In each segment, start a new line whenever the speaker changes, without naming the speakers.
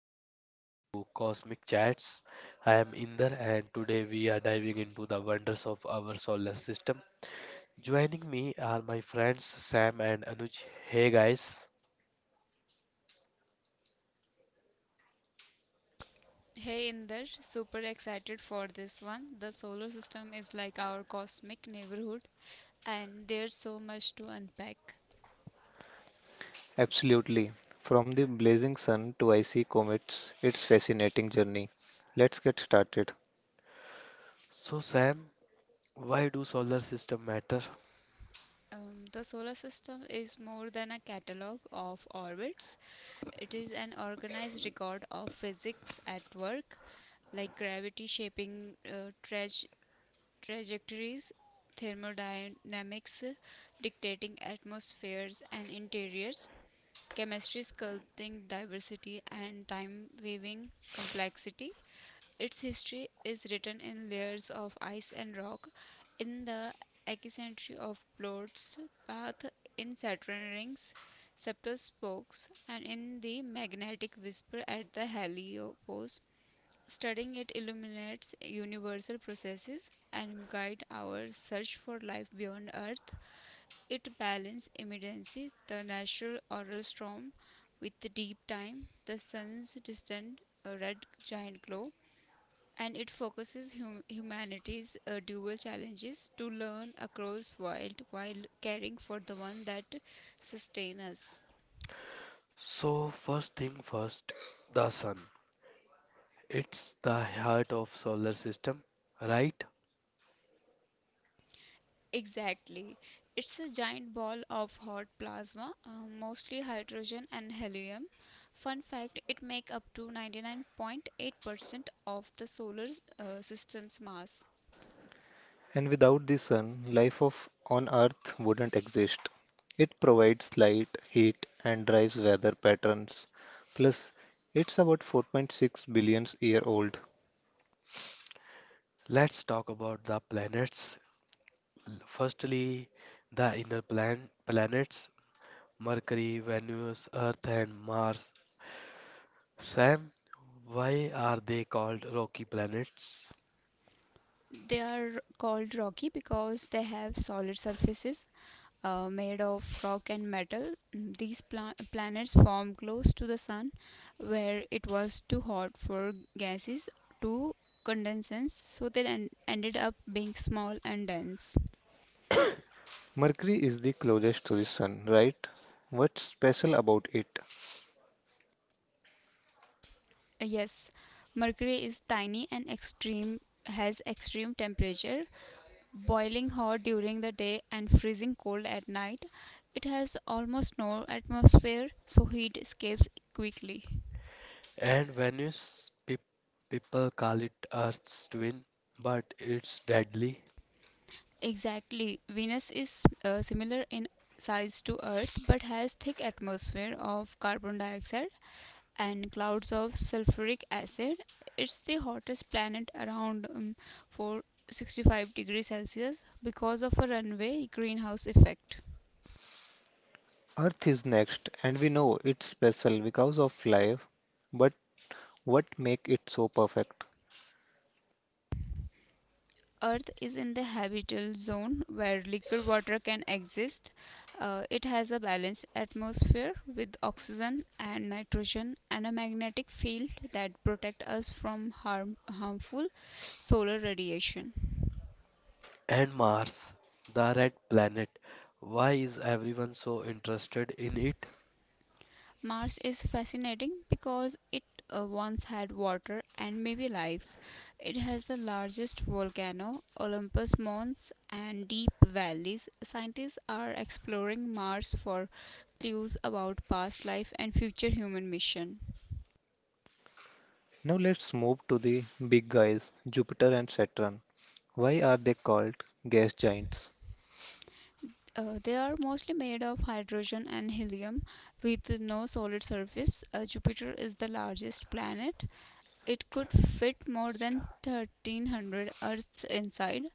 and welcome to Cosmic Chats. I am Inder and today we are diving into the wonders of our solar system. Joining me are my friends Sam and Anuj. Hey guys.
Hey Inder, super excited for this one. The solar system is like our cosmic neighborhood, and there's so much to unpack.
Absolutely. From the blazing sun to icy comets, it's fascinating journey. Let's get started.
So Sam, why do solar system matter?
The solar system is more than a catalog of orbits, it is an organized record of physics at work, like gravity shaping trajectories, thermodynamics dictating atmospheres and interiors. Chemistry sculpting diversity and time weaving complexity. Its history is written in layers of ice and rock, in the eccentricity of Plot's path, in Saturn rings, subtle spokes, and in the magnetic whisper at the heliopause. Studying it illuminates universal processes and guide our search for life beyond Earth. It balances immediacy, the natural aural storm, with the deep time, the sun's distant red giant glow, and it focuses humanity's dual challenges to learn across world while caring for the one that sustain us.
So first thing first, the sun. It's the heart of solar system, right?
Exactly. It's a giant ball of hot plasma, mostly hydrogen and helium. Fun fact, it make up to 99.8% of the solar system's mass.
And without the sun, life of on Earth wouldn't exist. It provides light, heat, and drives weather patterns. Plus, it's about 4.6 billion year old.
Let's talk about the planets. Firstly, the inner planets Mercury, Venus, Earth, and Mars. Sam, why are they called rocky planets?
They are called rocky because they have solid surfaces made of rock and metal. Mm, these planets formed close to the sun where it was too hot for gases to condense, so they ended up being small and dense.
Mercury is the closest to the sun, right? What's special about it?
Yes, Mercury is tiny and extreme has extreme temperature boiling hot during the day and freezing cold at night. It has almost no atmosphere, so heat escapes quickly.
And Venus, people call it Earth's twin, but it's deadly.
Exactly. Venus is similar in size to Earth but has thick atmosphere of carbon dioxide and clouds of sulfuric acid. It's the hottest planet around 465 degrees Celsius because of a runaway greenhouse effect.
Earth is next, and we know it's special because of life, but what make it so perfect?
Earth is in the habitable zone where liquid water can exist. It has a balanced atmosphere with oxygen and nitrogen and a magnetic field that protect us from harmful solar radiation.
And Mars, the red planet. Why is everyone so interested in it?
Mars is fascinating because it once had water and maybe life. It has the largest volcano, Olympus Mons, and deep valleys. Scientists are exploring Mars for clues about past life and future human mission.
Now let's move to the big guys, Jupiter and Saturn. Why are they called gas giants?
They are mostly made of hydrogen and helium with no solid surface. Jupiter is the largest planet. It could fit more than 1300 Earths inside.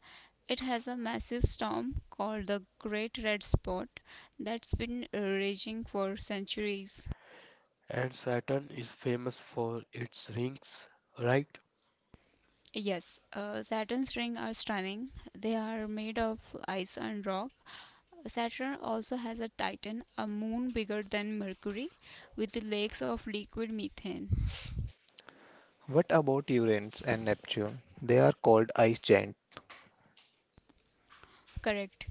It has a massive storm called the Great Red Spot that's been raging for centuries.
And Saturn is famous for its rings, right?
Yes, Saturn's rings are stunning. They are made of ice and rock. Saturn also has a Titan, a moon bigger than Mercury, with lakes of liquid methane.
What about Uranus and Neptune? They are called ice giants.
Correct.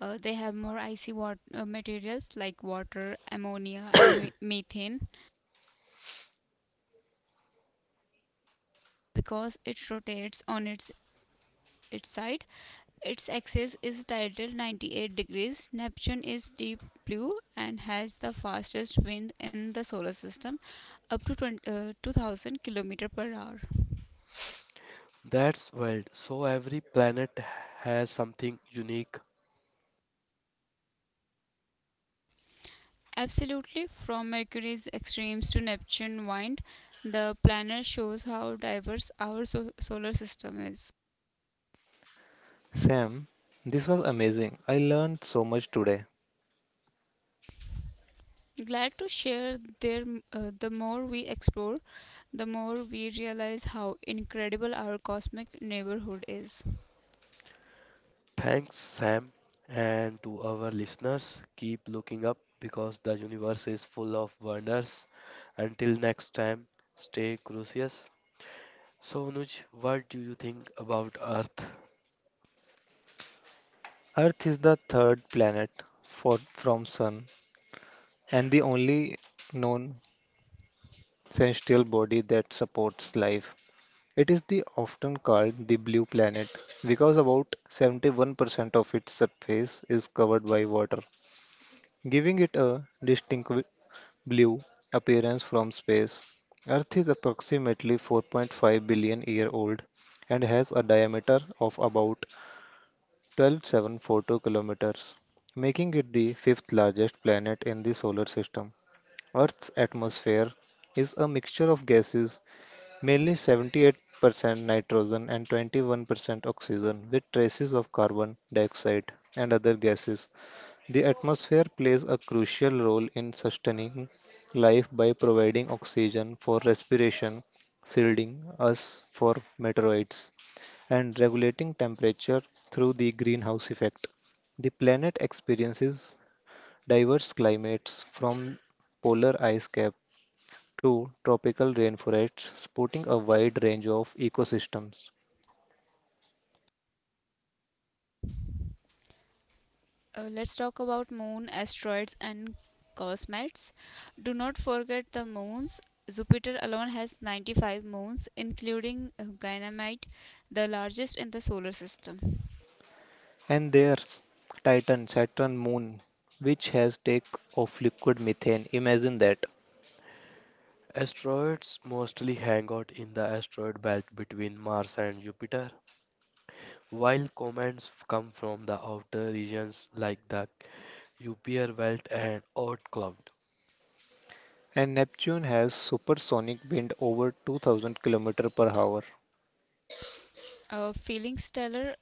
They have more icy materials like water, ammonia, and methane because it rotates on its side. Its axis is titled 98 degrees. Neptune is deep blue and has the fastest wind in the solar system, up to 2,000 km per hour.
That's wild. So every planet has something unique.
Absolutely, from Mercury's extremes to Neptune wind, the planet shows how diverse our solar system is.
Sam, this was amazing. I learned so much today.
Glad to share there. The more we explore, the more we realize how incredible our cosmic neighborhood is.
Thanks, Sam, and to our listeners. Keep looking up because the universe is full of wonders. Until next time, stay curious. So, Anuj, what do you think about Earth?
Earth is the third planet for, from Sun and the only known celestial body that supports life. It is the often called the blue planet because about 71% of its surface is covered by water, giving it a distinct w- blue appearance from space. Earth is approximately 4.5 billion year old and has a diameter of about 12,742 kilometers, making it the fifth largest planet in the solar system. Earth's atmosphere is a mixture of gases, mainly 78% nitrogen and 21% oxygen, with traces of carbon dioxide and other gases. The atmosphere plays a crucial role in sustaining life by providing oxygen for respiration, shielding us for meteorites, and regulating temperature through the greenhouse effect. The planet experiences diverse climates from polar ice cap to tropical rainforests, supporting a wide range of ecosystems.
Let's talk about moon, asteroids, and comets. Do not forget the moons. Jupiter alone has 95 moons, including Ganymede, the largest in the solar system.
And there's Titan, Saturn moon, which has take of liquid methane. Imagine that.
Asteroids mostly hang out in the asteroid belt between Mars and Jupiter, while comets come from the outer regions like the Kuiper belt and Oort cloud.
And Neptune has supersonic wind over 2000 km per hour.
Feeling stellar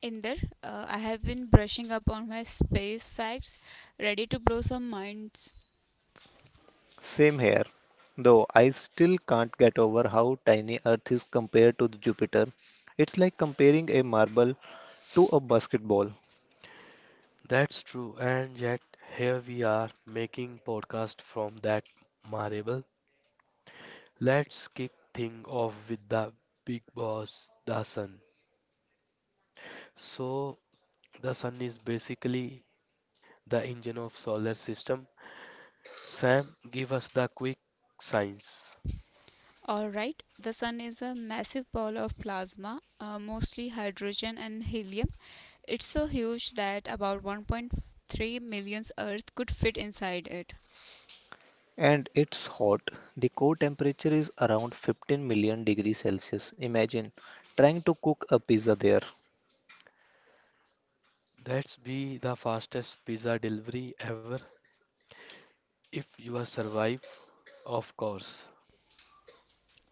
in there, I have been brushing up on my space facts, ready to blow some minds.
Same here, though I still can't get over how tiny Earth is compared to the Jupiter. It's like comparing a marble to a basketball.
That's true, and yet here we are making podcast from that marble. Let's kick things off with the big boss, the sun. So, the sun is basically the engine of solar system. Sam, give us the quick science.
Alright, the sun is a massive ball of plasma, mostly hydrogen and helium. It's so huge that about 1.3 million Earth could fit inside it.
And it's hot. The core temperature is around 15 million degrees Celsius. Imagine trying to cook a pizza there.
That's be the fastest pizza delivery ever if you are survive, of course.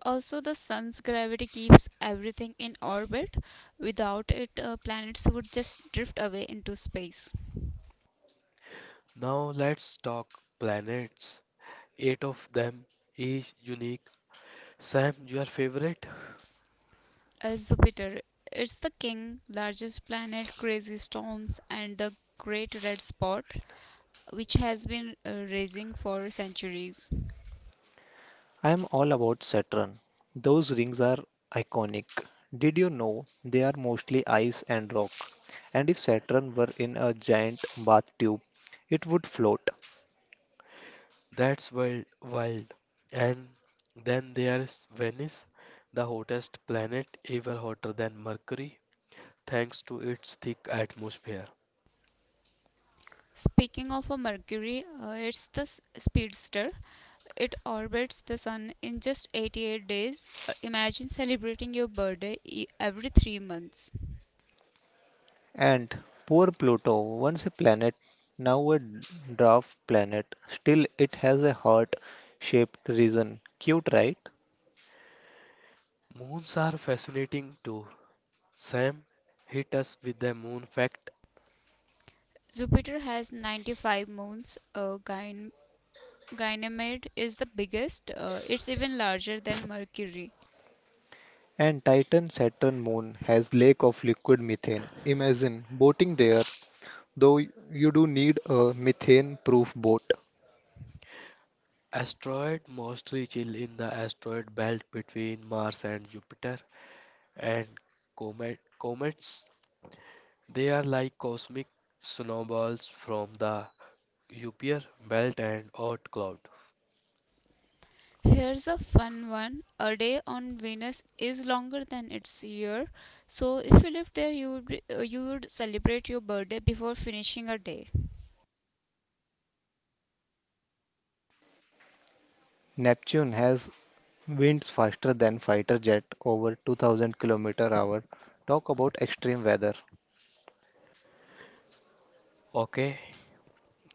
Also, the sun's gravity keeps everything in orbit. Without it, planets would just drift away into space.
Now let's talk planets. Eight of them, each unique. Sam, your favorite?
As Jupiter, it's the king, largest planet, crazy storms, and the great red spot, which has been racing for centuries.
I'm all about Saturn. Those rings are iconic. Did you know they are mostly ice and rock? And if Saturn were in a giant bathtub, it would float.
That's wild. And then there's Venice, the hottest planet, ever hotter than Mercury, thanks to its thick atmosphere.
Speaking of a Mercury, it's the speedster, it orbits the sun in just 88 days. Imagine celebrating your birthday every 3 months.
And poor Pluto, once a planet, now a dwarf planet, still it has a heart-shaped region. Cute, right?
Moons are fascinating too. Sam, hit us with the moon fact.
Jupiter has 95 moons. Ganymede is the biggest. It's even larger than Mercury.
And Titan Saturn moon has lake of liquid methane. Imagine boating there, though you do need a methane-proof boat.
Asteroid mostly chill in the asteroid belt between Mars and Jupiter, and comets, they are like cosmic snowballs from the Kuiper belt and Oort cloud.
Here's a fun one. A day on Venus is longer than its year. So if you lived there, you would celebrate your birthday before finishing a day.
Neptune has winds faster than fighter jet over 2000 km hour. Talk about extreme weather.
Okay,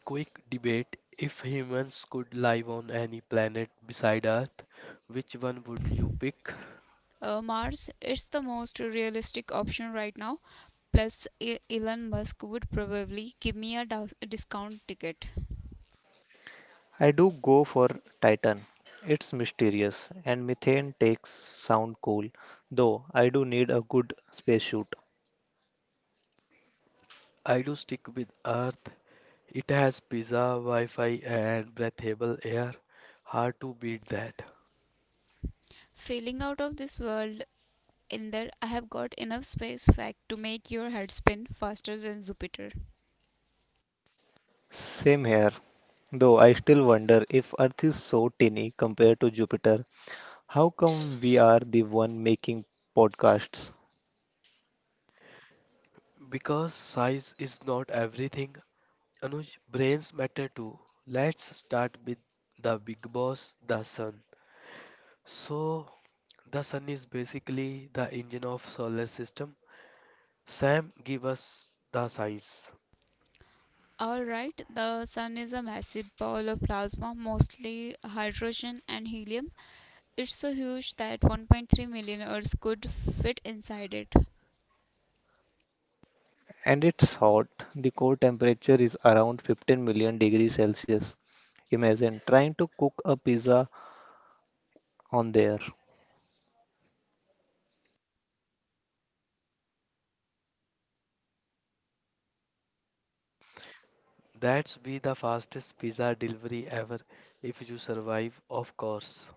quick debate, if humans could live on any planet beside Earth, which one would you pick?
Mars is the most realistic option right now. Plus, Elon Musk would probably give me a discount ticket.
I do go for Titan. It's mysterious and methane takes sound cool, though I do need a good spacesuit.
I do stick with Earth. It has pizza, Wi Fi, and breathable air. Hard to beat that.
Failing out of this world in there, I have got enough space fact to make your head spin faster than Jupiter.
Same here. Though I still wonder if Earth is so tiny compared to Jupiter, how come we are the one making podcasts?
Because size is not everything, Anuj, brains matter too. Let's start with the big boss, the sun. So, the sun is basically the engine of solar system. Sam, give us the science.
Alright, the sun is a massive ball of plasma, mostly hydrogen and helium. It's so huge that 1.3 million Earths could fit inside it.
And it's hot. The core temperature is around 15 million degrees Celsius. Imagine trying to cook a pizza on there.
That's be the fastest pizza delivery ever if you survive, of course.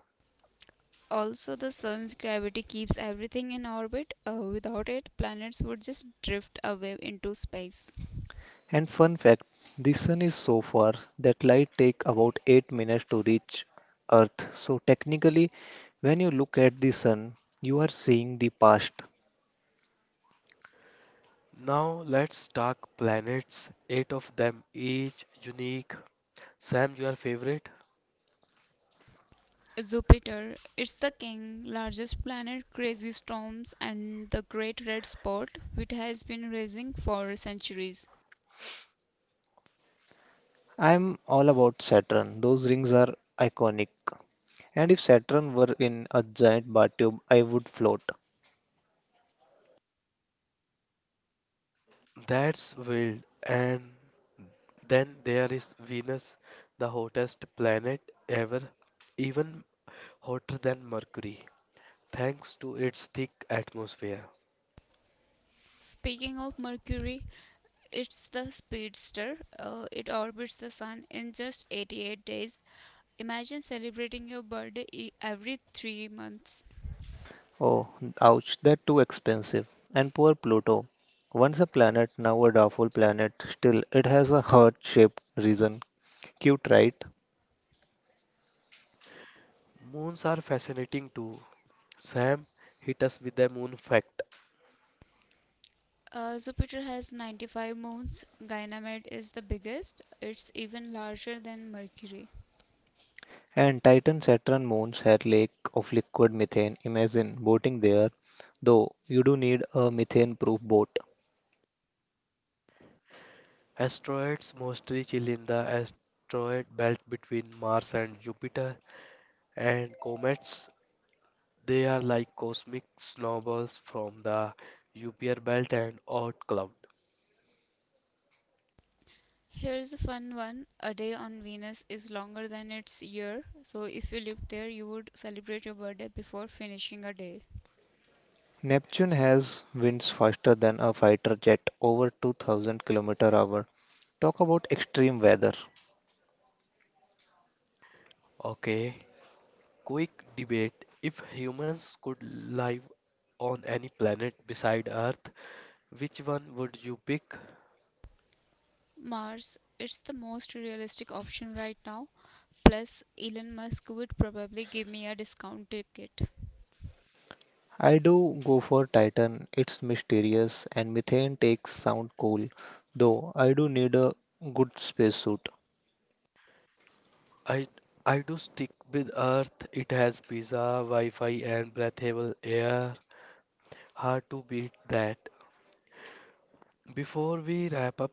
Also, the sun's gravity keeps everything in orbit. Without it, planets would just drift away into space.
And fun fact, the sun is so far that light take about 8 minutes to reach Earth. So technically, when you look at the sun, you are seeing the past.
Now let's talk planets. Eight of them, each unique. Sam, your favorite?
Jupiter. It's the king, largest planet, crazy storms, and the great red spot, which has been racing for centuries.
I'm all about Saturn. Those rings are iconic. And if Saturn were in a giant bathtub, I would float.
That's wild. And then there is Venus, the hottest planet ever, even hotter than Mercury, thanks to its thick atmosphere.
Speaking of Mercury, it's the speedster. It orbits the sun in just 88 days. Imagine celebrating your birthday every 3 months.
Oh, ouch, they're too expensive. And poor Pluto. Once a planet, now a doubtful planet. Still, it has a heart-shaped reason. Cute, right?
Moons are fascinating too. Sam, hit us with a moon fact.
Jupiter has 95 moons. Ganymede is the biggest. It's even larger than Mercury.
And Titan, Saturn, moons had lake of liquid methane. Imagine boating there, though you do need a methane-proof boat.
Asteroids mostly chill in the asteroid belt between Mars and Jupiter, and comets, they are like cosmic snowballs from the Jupiter belt and Oort cloud.
Here's a fun one. A day on Venus is longer than its year, so if you lived there, you would celebrate your birthday before finishing a day.
Neptune has winds faster than a fighter jet, over 2000 km hour. Talk about extreme weather.
Okay, quick debate. If humans could live on any planet beside Earth, which one would you pick?
Mars, it's the most realistic option right now. Plus, Elon Musk would probably give me a discount ticket.
I do go for Titan. It's mysterious and methane takes sound cool, though I do need a good spacesuit.
I I do stick with Earth. It has pizza, Wi-Fi, and breathable air. Hard to beat that. Before we wrap up,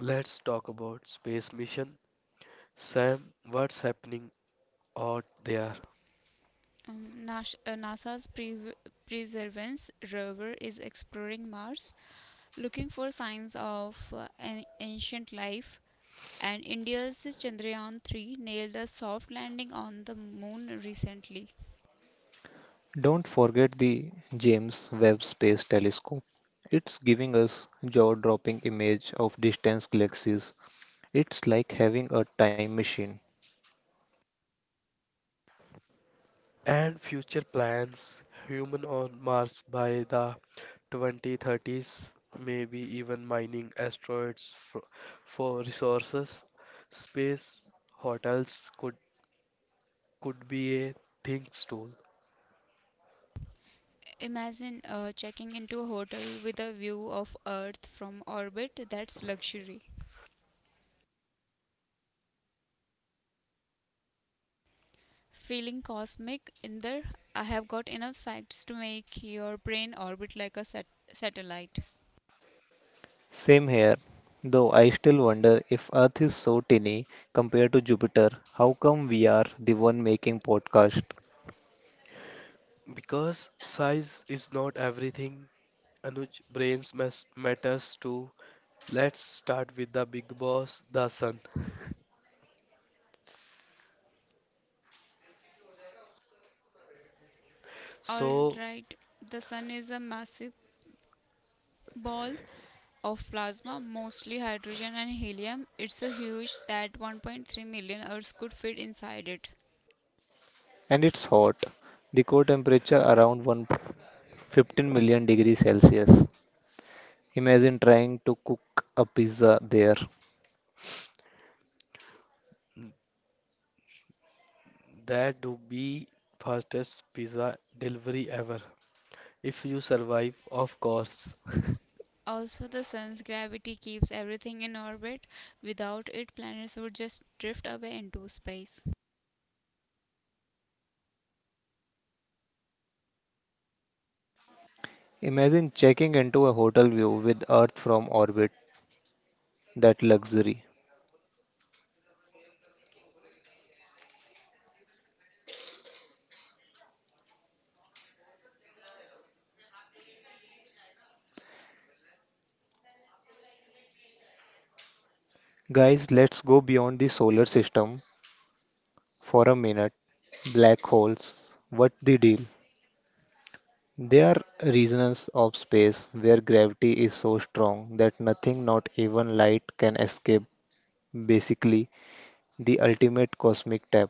let's talk about space mission. Sam, what's happening out there?
NASA's Perseverance rover is exploring Mars, looking for signs of an ancient life. And India's Chandrayaan 3 nailed a soft landing on the moon recently.
Don't forget the James Webb Space Telescope. It's giving us jaw-dropping image of distant galaxies. It's like having a time machine.
And future plans, human on Mars by the 2030s, maybe even mining asteroids for resources. Space hotels could be a thing too.
Imagine checking into a hotel with a view of Earth from orbit. That's luxury. Feeling cosmic in there, I have got enough facts to make your brain orbit like a satellite.
Same here, though I still wonder if Earth is so tiny compared to Jupiter, how come we are the one making podcast?
Because size is not everything, Anuj, matters too. Let's start with the big boss, the sun. So,
Alright, the sun is a massive ball of plasma, mostly hydrogen and helium. It's so huge that 1.3 million Earths could fit inside it.
And it's hot. The core temperature around one. 15 million degrees Celsius. Imagine trying to cook a pizza there.
That do be fastest pizza delivery ever. If you survive, of course.
Also, the sun's gravity keeps everything in orbit. Without it, planets would just drift away into space.
Imagine checking into a hotel view with Earth from orbit. That luxury. Guys, let's go beyond the solar system for a minute. Black holes. What the deal? They are regions of space where gravity is so strong that nothing, not even light, can escape. Basically, the ultimate cosmic tap.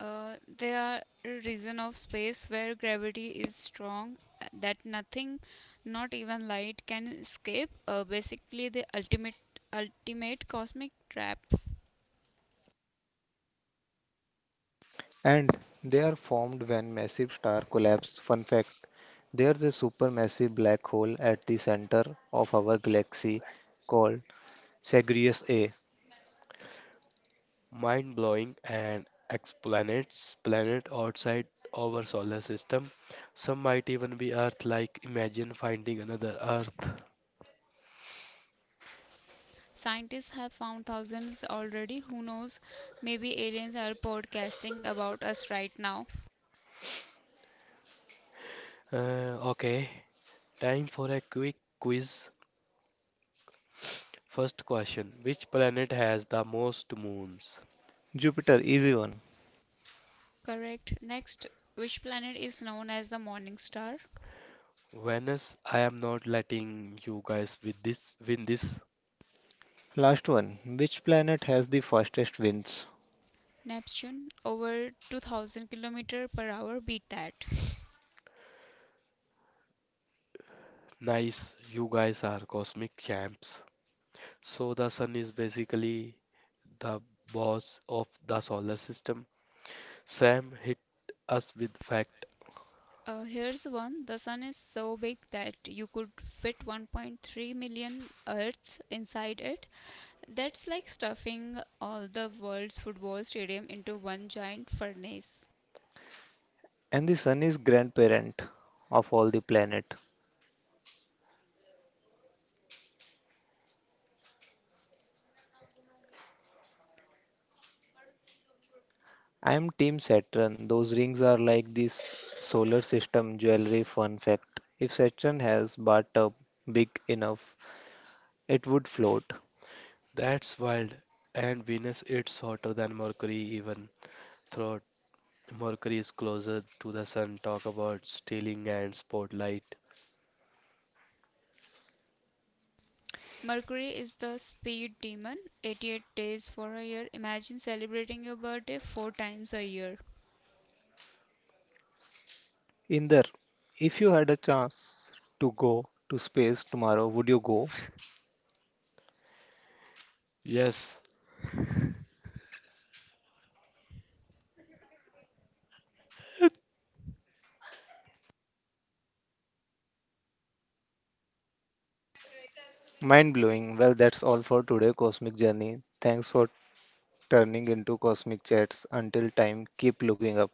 They are a region of space where gravity is strong that nothing, not even light, can escape. Basically, the ultimate cosmic trap.
And they are formed when massive star collapse. Fun fact, there's a supermassive black hole at the center of our galaxy called Sagittarius A.
Mind blowing, and exoplanets, planet outside our solar system. Some might even be Earth like. Imagine finding another Earth.
Scientists have found thousands already. Who knows? Maybe aliens are podcasting about us right now.
Okay, time for a quick quiz. First question, which planet has the most moons?
Jupiter, easy one.
Correct. Next, which planet is known as the morning star?
Venus, I am not letting you guys with this win this.
Last one. Which planet has the fastest winds?
Neptune, over 2,000 kilometer per hour. Beat that.
Nice, you guys are cosmic champs. So the sun is basically the boss of the solar system. Sam hit us with fact.
Here's one. The sun is so big that you could fit 1.3 million Earths inside it. That's like stuffing all the world's football stadium into one giant furnace.
And the sun is grandparent of all the planet. I am Team Saturn. Those rings are like this solar system jewelry. Fun fact: if Saturn has bathtub big enough, it would float.
That's wild. And Venus, it's hotter than Mercury even though Mercury is closer to the sun. Talk about stealing and spotlight.
Mercury is the speed demon. 88 days for a year. Imagine celebrating your birthday 4 times a year.
Inder, if you had a chance to go to space tomorrow, would you go?
Yes,
Mind blowing. Well, that's all for today, Cosmic Journey. Thanks for turning into Cosmic Chats. Until time, keep looking up.